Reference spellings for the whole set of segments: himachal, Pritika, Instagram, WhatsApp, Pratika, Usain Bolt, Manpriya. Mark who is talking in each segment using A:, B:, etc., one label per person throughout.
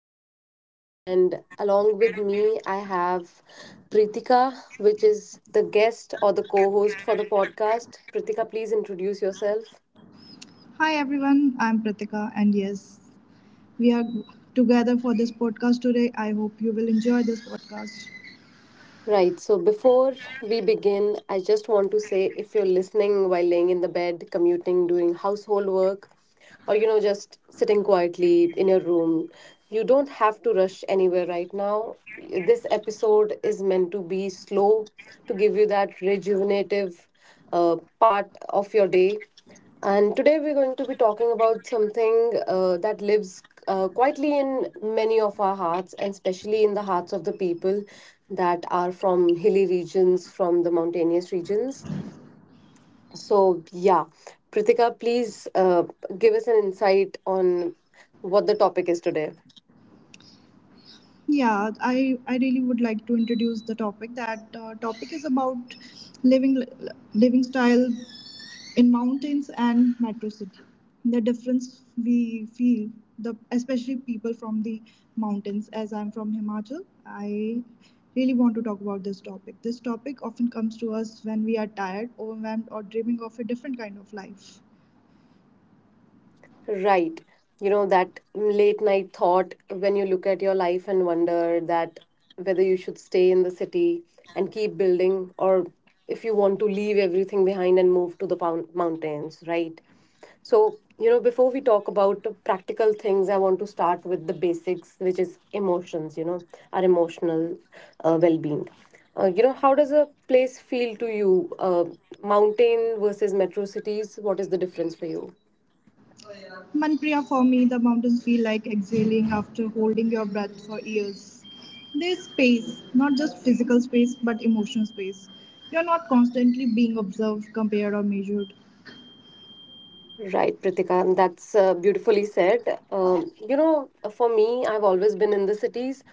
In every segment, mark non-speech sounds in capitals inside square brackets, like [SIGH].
A: podcast. And along with me, I have Pritika, which is the guest or the co host for the podcast. Pritika, please introduce yourself.
B: Hi everyone, I'm Pratika, and yes, we are together for this podcast today. I hope you will enjoy this podcast.
A: Right. So before we begin, I just want to say if you're listening while laying in the bed, commuting, doing household work, or just sitting quietly in your room, you don't have to rush anywhere right now. This episode is meant to be slow to give you that rejuvenative part of your day. And today we're going to be talking about something that lives quietly in many of our hearts, and especially in the hearts of the people that are from hilly regions, from the mountainous regions. So, yeah, Pritika, please give us an insight on what the topic is today.
B: Yeah, I really would like to introduce the topic. That topic is about living living style in mountains and metro city, the difference we feel, the especially people from the mountains. As I'm from Himachal, I really want to talk about this topic. This topic often comes to us when we are tired, overwhelmed, or dreaming of a different kind of life.
A: Right. You know, that late night thought when you look at your life and wonder that whether you should stay in the city and keep building, or if you want to leave everything behind and move to the mountains, right? So, you know, before we talk about the practical things, I want to start with the basics, which is emotions, you know, our emotional well being. You know, how does a place feel to you? Mountain versus metro cities, what is the difference for you?
B: Manpriya, for me the mountains feel like exhaling after holding your breath for years. There's space, not just physical space but emotional space. You're not constantly being observed, compared, or measured.
A: Right, Pritika, that's beautifully said. You know, for me, I've always been in the cities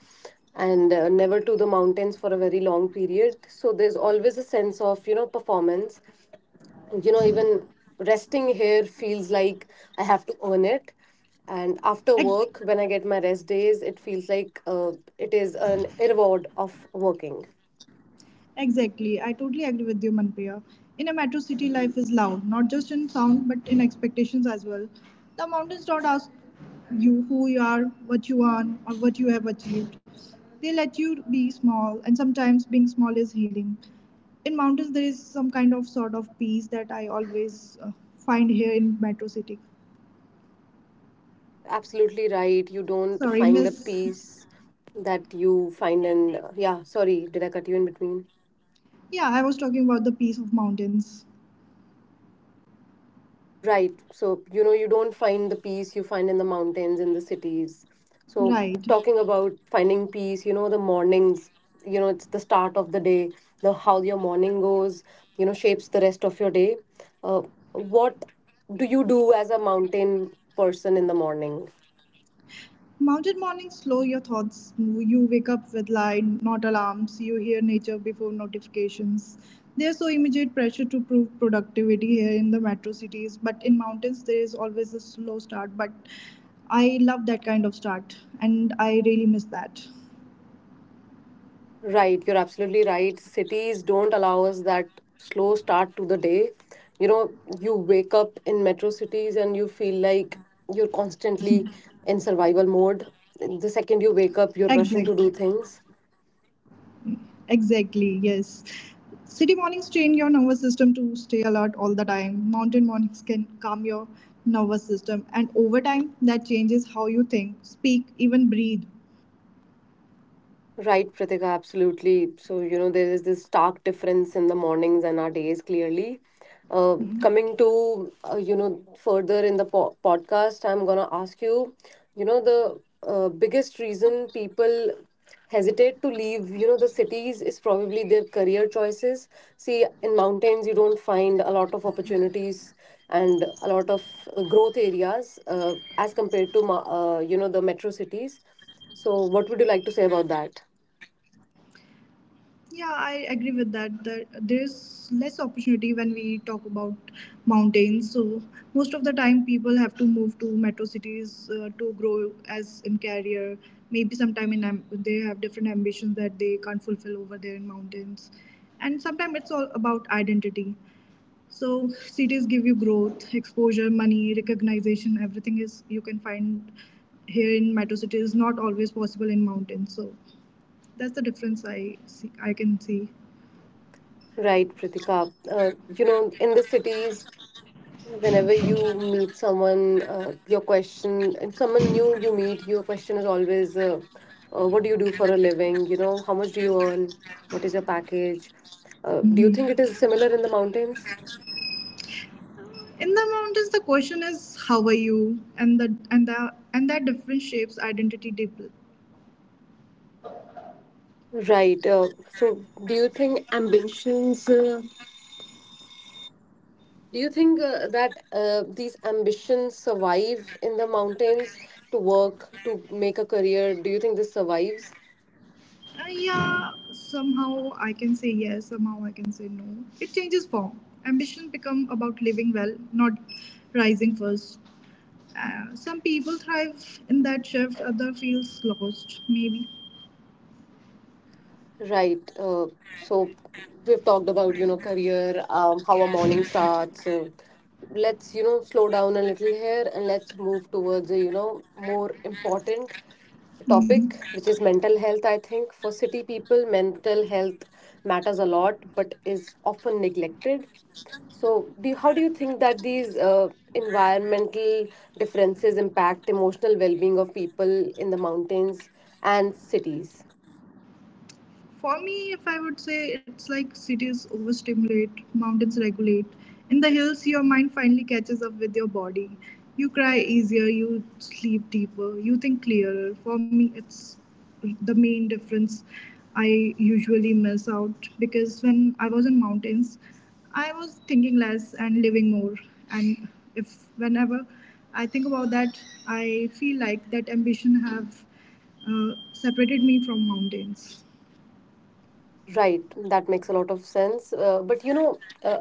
A: and never to the mountains for a very long period. So there's always a sense of, you know, performance. You know, even resting here feels like I have to earn it. And after work, when I get my rest days, it feels like it is an reward of working.
B: Exactly. I totally agree with you, Manpriya. In a metro city, life is loud, not just in sound, but in expectations as well. The mountains don't ask you who you are, what you want, or what you have achieved. They let you be small, and sometimes being small is healing. In mountains, there is some kind of sort of peace that I always find here in metro city.
A: Absolutely right. You don't
B: Sorry,
A: find the
B: miss.
A: peace that you find in, yeah, sorry, did I cut you in between?
B: Yeah, I was talking about the peace of mountains.
A: Right. So, you know, you don't find the peace you find in the mountains, in the cities. So,
B: Right.
A: talking about finding peace, you know, the mornings, you know, it's the start of the day, the how your morning goes, you know, shapes the rest of your day. Uh, what do you do as a mountain person in the morning?
B: Mountain mornings slow your thoughts. You wake up with light, not alarms. You hear nature before notifications. There's so immediate pressure to prove productivity here in the metro cities, but in mountains there is always a slow start. But I love that kind of start, and I really miss that.
A: Right, you're absolutely right. Cities don't allow us that slow start to the day. You know, you wake up in metro cities and you feel like you're constantly in survival mode. The second you wake up, you're
B: Exactly.
A: rushing to do things.
B: Exactly, yes. City mornings train your nervous system to stay alert all the time. Mountain mornings can calm your nervous system, and over time, that changes how you think, speak, even breathe.
A: Right, Pratika, absolutely. So, you know, there is this stark difference in the mornings and our days clearly.
B: Hmm.
A: Coming to, you know, further in the podcast, I'm going to ask you, you know, the biggest reason people hesitate to leave, you know, the cities is probably their career choices. See, in mountains, you don't find a lot of opportunities and a lot of growth areas as compared to, you know, the metro cities. So, what would you like to say about that?
B: Yeah, I agree with that. That there's less opportunity when we talk about mountains. So most of the time, people have to move to metro cities to grow as in career. Maybe sometime in they have different ambitions that they can't fulfill over there in mountains, and sometimes it's all about identity. So cities give you growth, exposure, money, recognition. Everything is you can find here in metro cities, not always possible in mountains. So that's the difference I see. I can see.
A: Right, Pritika. You know, in the cities, whenever you meet someone, your question, if someone new you meet, your question is always, what do you do for a living? You know, how much do you earn? What is your package? Do you think
B: Mhm.
A: it is similar in the mountains?
B: In the mountains, the question is how are you, and that difference shapes identity deeply.
A: Right. So, do you think ambitions? Do you think that these ambitions survive in the mountains to work, to make a career? Do you think this survives?
B: Yeah, somehow I can say yes, somehow I can say no. It changes form. Ambition become about living well, not rising first. Some people thrive in that shift, other feels lost, maybe.
A: Right. So we've talked about, you know, career, how a morning starts. Let's, you know, slow down a little here, and let's move towards a, you know, more important topic,
B: Mm-hmm.
A: which is mental health. I think for city people, mental health matters a lot, but is often neglected. So, how do you think that these environmental differences impact emotional well-being of people in the mountains and cities?
B: For me, if I would say it's like cities overstimulate, mountains regulate. In the hills, your mind finally catches up with your body. You cry easier, you sleep deeper, you think clearer. For me, it's the main difference I usually miss out, because when I was in mountains, I was thinking less and living more. And if whenever I think about that, I feel like that ambition have separated me from mountains.
A: Right, that makes a lot of sense. But you know, uh,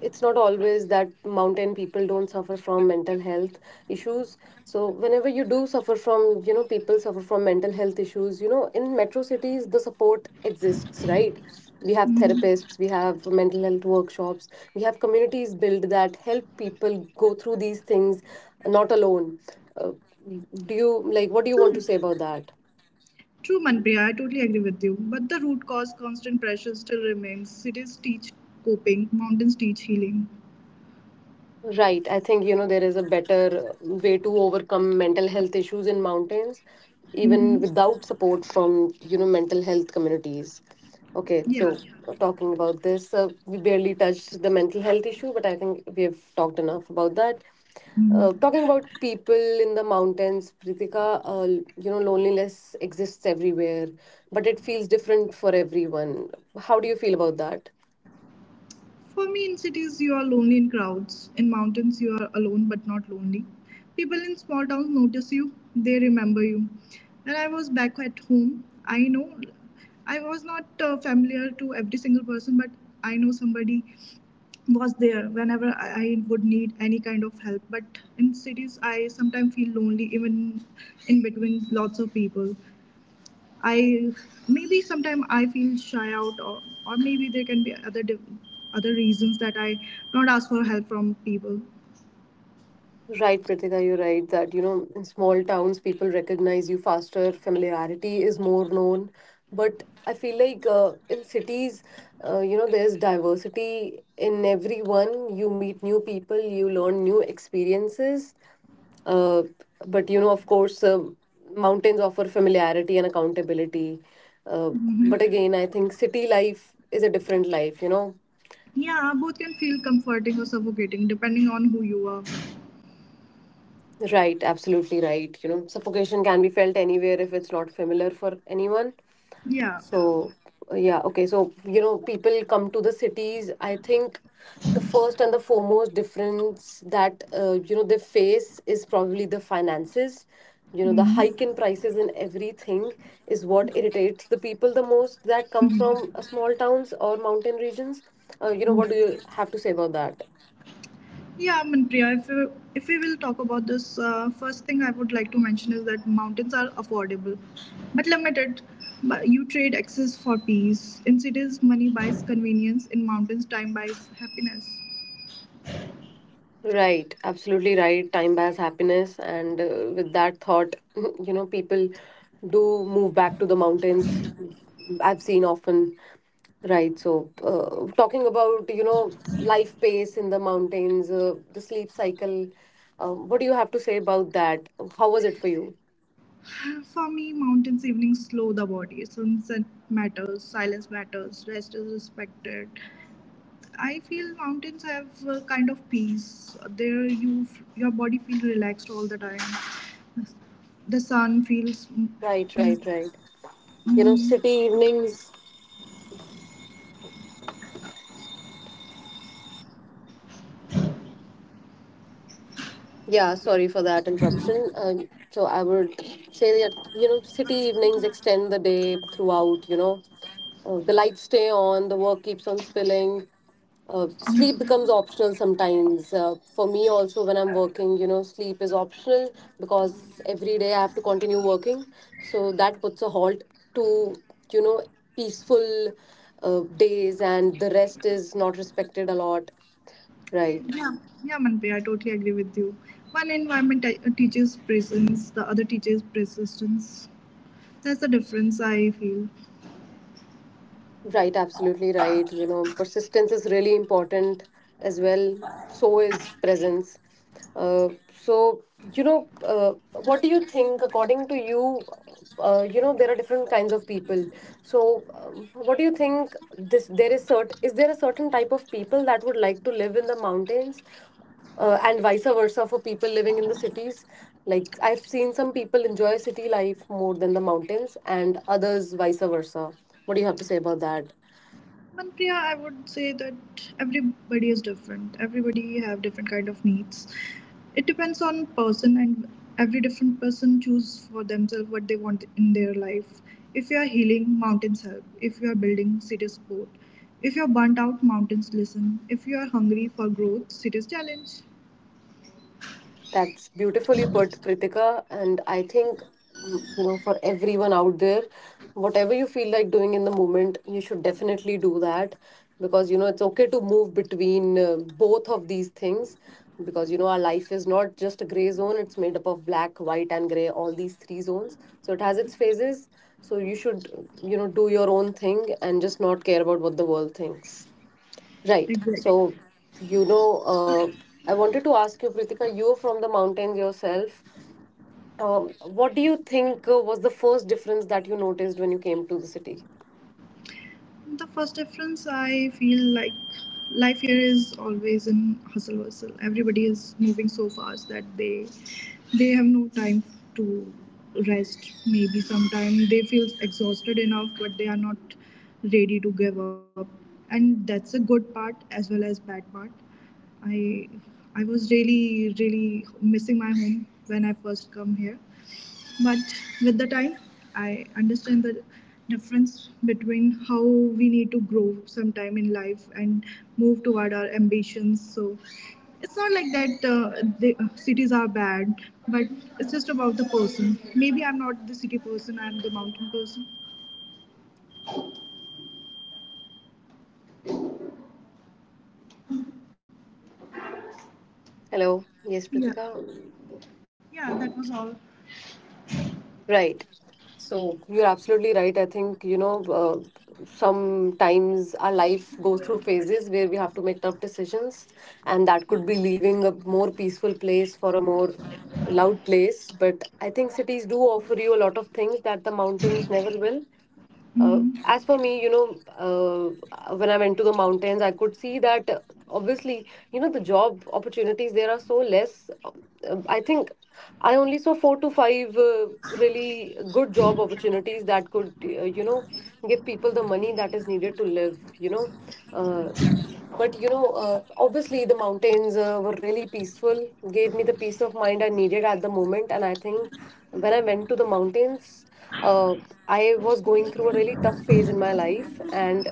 A: it's not always that mountain people don't suffer from mental health issues. So whenever you do suffer from, you know, people suffer from mental health issues, you know, in metro cities, the support exists, right? We have
B: Mhm.
A: therapists, we have mental health workshops, we have communities built that help people go through these things not alone. Uh, do you like what do
B: True,
A: you want to say about that?
B: true, Manpriya. I totally agree with you. But the root cause, constant pressure, still remains. Cities teach coping, mountains teach healing.
A: Right. I think, you know, there is a better way to overcome mental health issues in mountains, even
B: Mm-hmm.
A: without support from, you know, mental health communities. Okay. So,
B: Yes.
A: talking about this, we barely touched the mental health issue, but I think we have talked enough about that.
B: Mhm.
A: Talking about people in the mountains, Pritika, you know, loneliness exists everywhere, but it feels different for everyone. How do you feel about that?
B: For me, in cities, you are lonely in crowds. In mountains, you are alone but not lonely. People in small towns notice you, they remember you. When I was back at home, I know I was not familiar to every single person, but I know somebody was there whenever I would need any kind of help. But in cities, I sometimes feel lonely, even in between lots of people. I maybe sometimes I feel shy out, or maybe there can be other other reasons that I not ask for help from people.
A: Right, Pritika, you're right that, you know, in small towns, people recognize you faster, familiarity is more known. But I feel like in cities, you know, there's diversity in everyone. You meet new people, you learn new experiences. Uh, but, you know, of course, mountains offer familiarity and accountability. Uh,
B: Hmm.
A: but again, I think city life is a different life, you know.
B: Yeah, both can feel comforting or suffocating depending on who you are.
A: Right, absolutely right. You know, suffocation can be felt anywhere if it's not familiar for anyone.
B: Yeah.
A: So, yeah, okay. So, you know, people come to the cities. I think the first and the foremost difference that, you know, they face is probably the finances. You know, the hike in prices and everything is what irritates the people the most that come
B: Hmm.
A: from small towns or mountain regions. You know, what do
B: [LAUGHS]
A: you have to say about that?
B: Yeah, Manpriya, if we will talk about this, first thing I would like to mention is that mountains are affordable but limited. But you trade access for peace. In cities, money buys convenience. In mountains, time buys happiness.
A: Right, absolutely right. Time buys happiness, and with that thought, [LAUGHS] you know, people do move back to the mountains. I've seen often, right? So, talking about you know life pace in the mountains, the sleep cycle. What do you have to say about that? How was it for you?
B: For me, mountains evenings slow the body. Sunset matters, silence matters, rest is respected. I feel mountains have a kind of peace. There, you your body feels relaxed all the time. The sun feels.
A: Right, right, right. You know,
B: Mhm.
A: city evenings. Yeah, sorry for that interruption. So I would say that, you know, city evenings extend the day throughout, you know. The lights stay on, the work keeps on spilling. Uh, sleep becomes optional sometimes. For me also, when I'm working, you know, sleep is optional because every day I have to continue working. So that puts a halt to, you know, peaceful days, and the rest is not respected a lot. Right.
B: Yeah, yeah, Manpreet, I totally agree with you. One environment teaches presence, the other teaches persistence. That's the difference I feel.
A: Right, absolutely right. You know, persistence is really important as well. So is presence. So, you know, what do you think, according to you? You know, there are different kinds of people. So, what do you think? This there is cert is there a certain type of people that would like to live in the mountains, and vice versa for people living in the cities. Like I've seen some people enjoy city life more than the mountains, and others vice versa. What do you have to say about that?
B: Manpreet, I would say that everybody is different. Everybody have different kind of needs. It depends on person, and every different person choose for themselves what they want in their life. If you are healing, mountains help. If you are building, cities support. If you are burnt out, mountains listen. If you are hungry for growth, cities challenge.
A: That's beautifully put, Pritika. And I think, mm, you know, for everyone out there, whatever you feel like doing in the moment, you should definitely do that, because, you know, it's okay to move between both of these things because, you know, our life is not just a gray zone, it's made up of black, white, and gray, all these three zones. So it has its phases. So you should, you know, do your own thing and just not care about what the world thinks. Right.
B: Exactly.
A: So, you know, I wanted to ask you, Pritika, you're from the mountains yourself. What do you think was the first difference that you noticed when you came to the city?
B: The first difference I feel like life here is always in hustle bustle. Everybody is moving so fast that they have no time to rest. Maybe sometime they feel exhausted enough, but they are not ready to give up. And that's a good part as well as bad part. I I was really really missing my home when I first come here, but with the time I understand the difference between how we need to grow sometime in life and move toward our ambitions. So it's not like that the cities are bad, but it's just about the person. Maybe I'm not the city person, I'm the mountain person.
A: Hello. Yes,
B: Yeah,
A: Pritika.
B: yeah, that was all.
A: Right. So you're absolutely right. I think, you know, sometimes our life goes through phases where we have to make tough decisions, and that could be leaving a more peaceful place for a more loud place. But I think cities do offer you a lot of things that the mountains never will.
B: Mhm.
A: As for me, you know, when I went to the mountains, I could see that obviously, you know, the job opportunities there are so less. I think I only saw four to five really good job opportunities that could, you know, give people the money that is needed to live, you know. Uh, but you know, obviously the mountains were really peaceful, gave me the peace of mind I needed at the moment. And I think when I went to the mountains, uh, I was going through a really tough phase in my life. And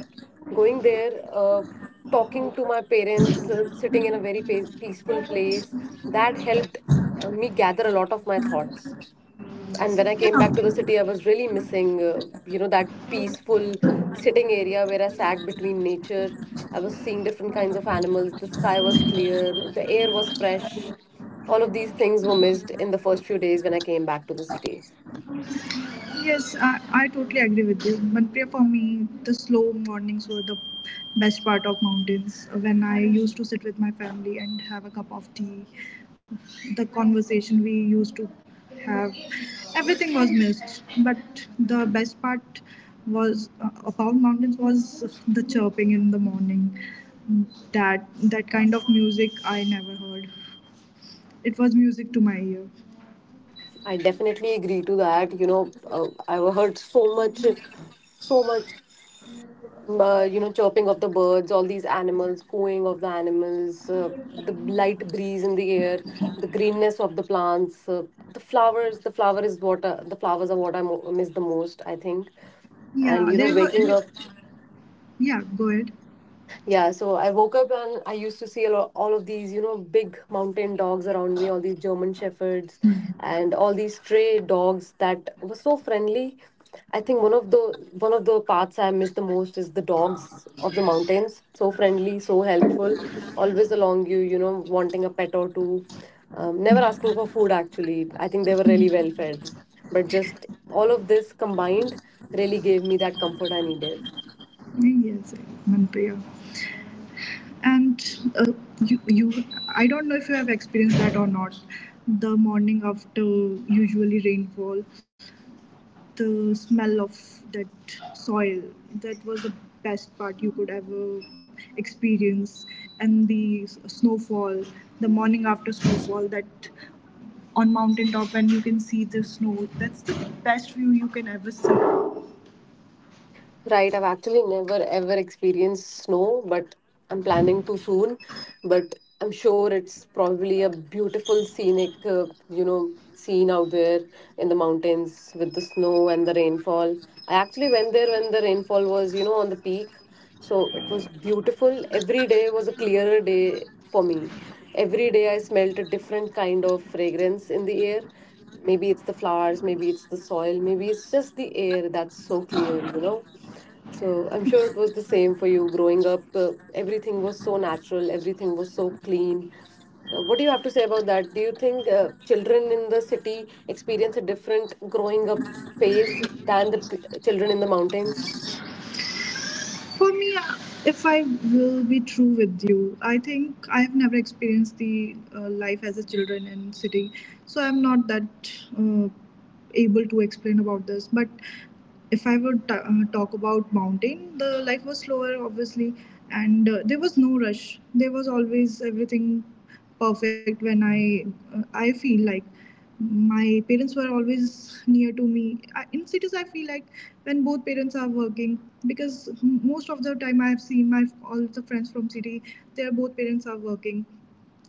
A: going there, talking to my parents, sitting in a very peaceful place, that helped me gather a lot of my thoughts. And when I came back to
B: Yeah.
A: the city, I was really missing, you know, that peaceful sitting area where I sat between nature. I was seeing different kinds of animals, the sky was clear, like, the air was fresh. All of these things were missed in the first few days when I came back to the city.
B: Yes, I totally agree with you, Manpriya. For me, the slow mornings were the best part of mountains. When I used to sit with my family and have a cup of tea, the conversation we used to have, everything was missed. But the best part was about mountains was the chirping in the morning. That that kind of music I never heard. It was music to my ear.
A: I definitely agree to that. I heard so much, so much you know, chirping of the birds, all these animals, cooing of the animals, the light breeze in the air, the greenness of the plants, the flowers. The flower is what the flowers are what I miss the most, I think.
B: Yeah,
A: And you know,
B: they were.
A: waking
B: They,
A: up.
B: yeah, go ahead.
A: Yeah, so I woke up and I used to see a lot, all of these, you know, big mountain dogs around me, all these German shepherds and all these stray dogs that were so friendly. I think one of the parts I miss the most is the dogs of the mountains. So friendly, so helpful, always along you, you know, wanting a pet or two. Never asking for food actually. I think they were really well fed. But just all of this combined really gave me that comfort I needed.
B: Yes, Manpriya. And uh, you, I don't know if you have experienced that or not. The morning after usually rainfall, the smell of that soil, that was the best part you could ever experience. And the snowfall, the morning after snowfall, that on mountaintop when you can see the snow, that's the best view you can ever see.
A: Right, I've actually never ever experienced snow, but I'm planning to soon. But I'm sure it's probably a beautiful scenic, scene out there in the mountains with the snow and the rainfall. I actually went there when the rainfall was, you know, on the peak. So it was beautiful. Every day was a clearer day for me. Every day I smelt a different kind of fragrance in the air. Maybe it's the flowers, maybe it's the soil, maybe it's just the air that's so clear, you know. So I'm sure it was the same for you growing up. Everything was so natural, everything was so clean. What do you have to say about that? Do you think children in the city experience a different growing up phase than the children in the mountains?
B: For me, if I will be true with you, I think I have never experienced the life as a children in city, so I'm not that uh, able to explain about this. But if I would talk about mountain, the life was slower, obviously, and there was no rush. There was always everything perfect when I feel like my parents were always near to me. I, in cities I feel like when both parents are working, because most of the time I have seen my all the friends from city, their both parents are working,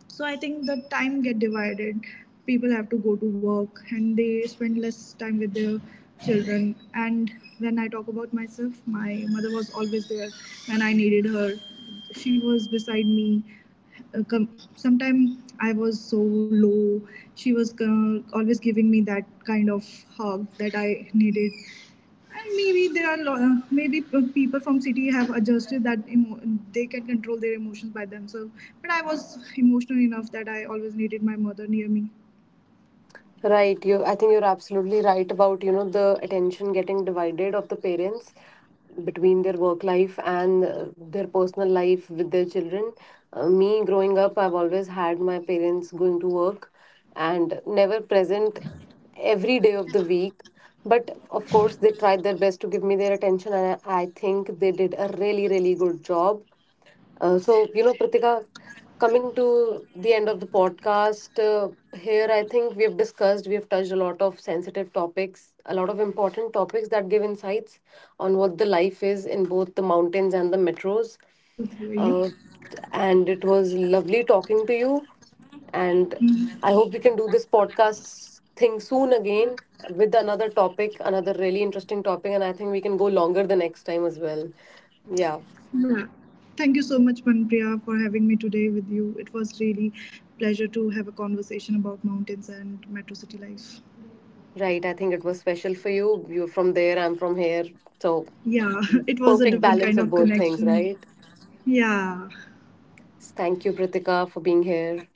B: so I think the time get divided. People have to go to work and they spend less time with their children. And when I talk about myself, my mother was always there when I needed her. She was beside me. Sometimes I was so low, she was always giving me that kind of hug that I needed. And maybe there are maybe people from city have adjusted that they can control their emotions by themselves, but I was emotional enough that I always needed my mother near me.
A: Right, you, I think you're absolutely right about, you know, the attention getting divided of the parents between their work life and their personal life with their children. Me growing up, I've always had my parents going to work and never present every day of the week. But of course, they tried their best to give me their attention, and I think they did a really, really good job. So, you know, Pritika, coming to the end of the podcast, here I think we've discussed, we've touched a lot of sensitive topics, a lot of important topics that give insights on what the life is in both the mountains
B: Sorry
A: and the
B: Manpriya, I was
A: metros.
B: not able to hear you.
A: Uh, and it was lovely talking to you. And I
B: Mhm.
A: hope we can do this podcast thing soon again with another topic, another really interesting topic. And I think we can go longer the next time as well. Yeah.
B: Yeah. Thank you so much, Manpriya, for having me today with you. It was really pleasure to have a conversation about mountains and metro city life.
A: Right, I think it was special for you. You're from there, I'm from here. So,
B: Yeah, [LAUGHS] it was a
A: perfect
B: different
A: balance
B: kind
A: of
B: of
A: both things,
B: connection.
A: right?
B: Yeah.
A: Thank you, Pritika, for being here.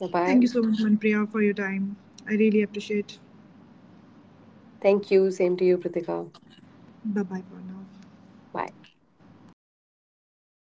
A: Bye
B: Thank you
A: bye.
B: so much, Manpriya, for your time. I really appreciate.
A: Thank you. Same to you, Pritika.
B: Bye bye for now.
A: Bye.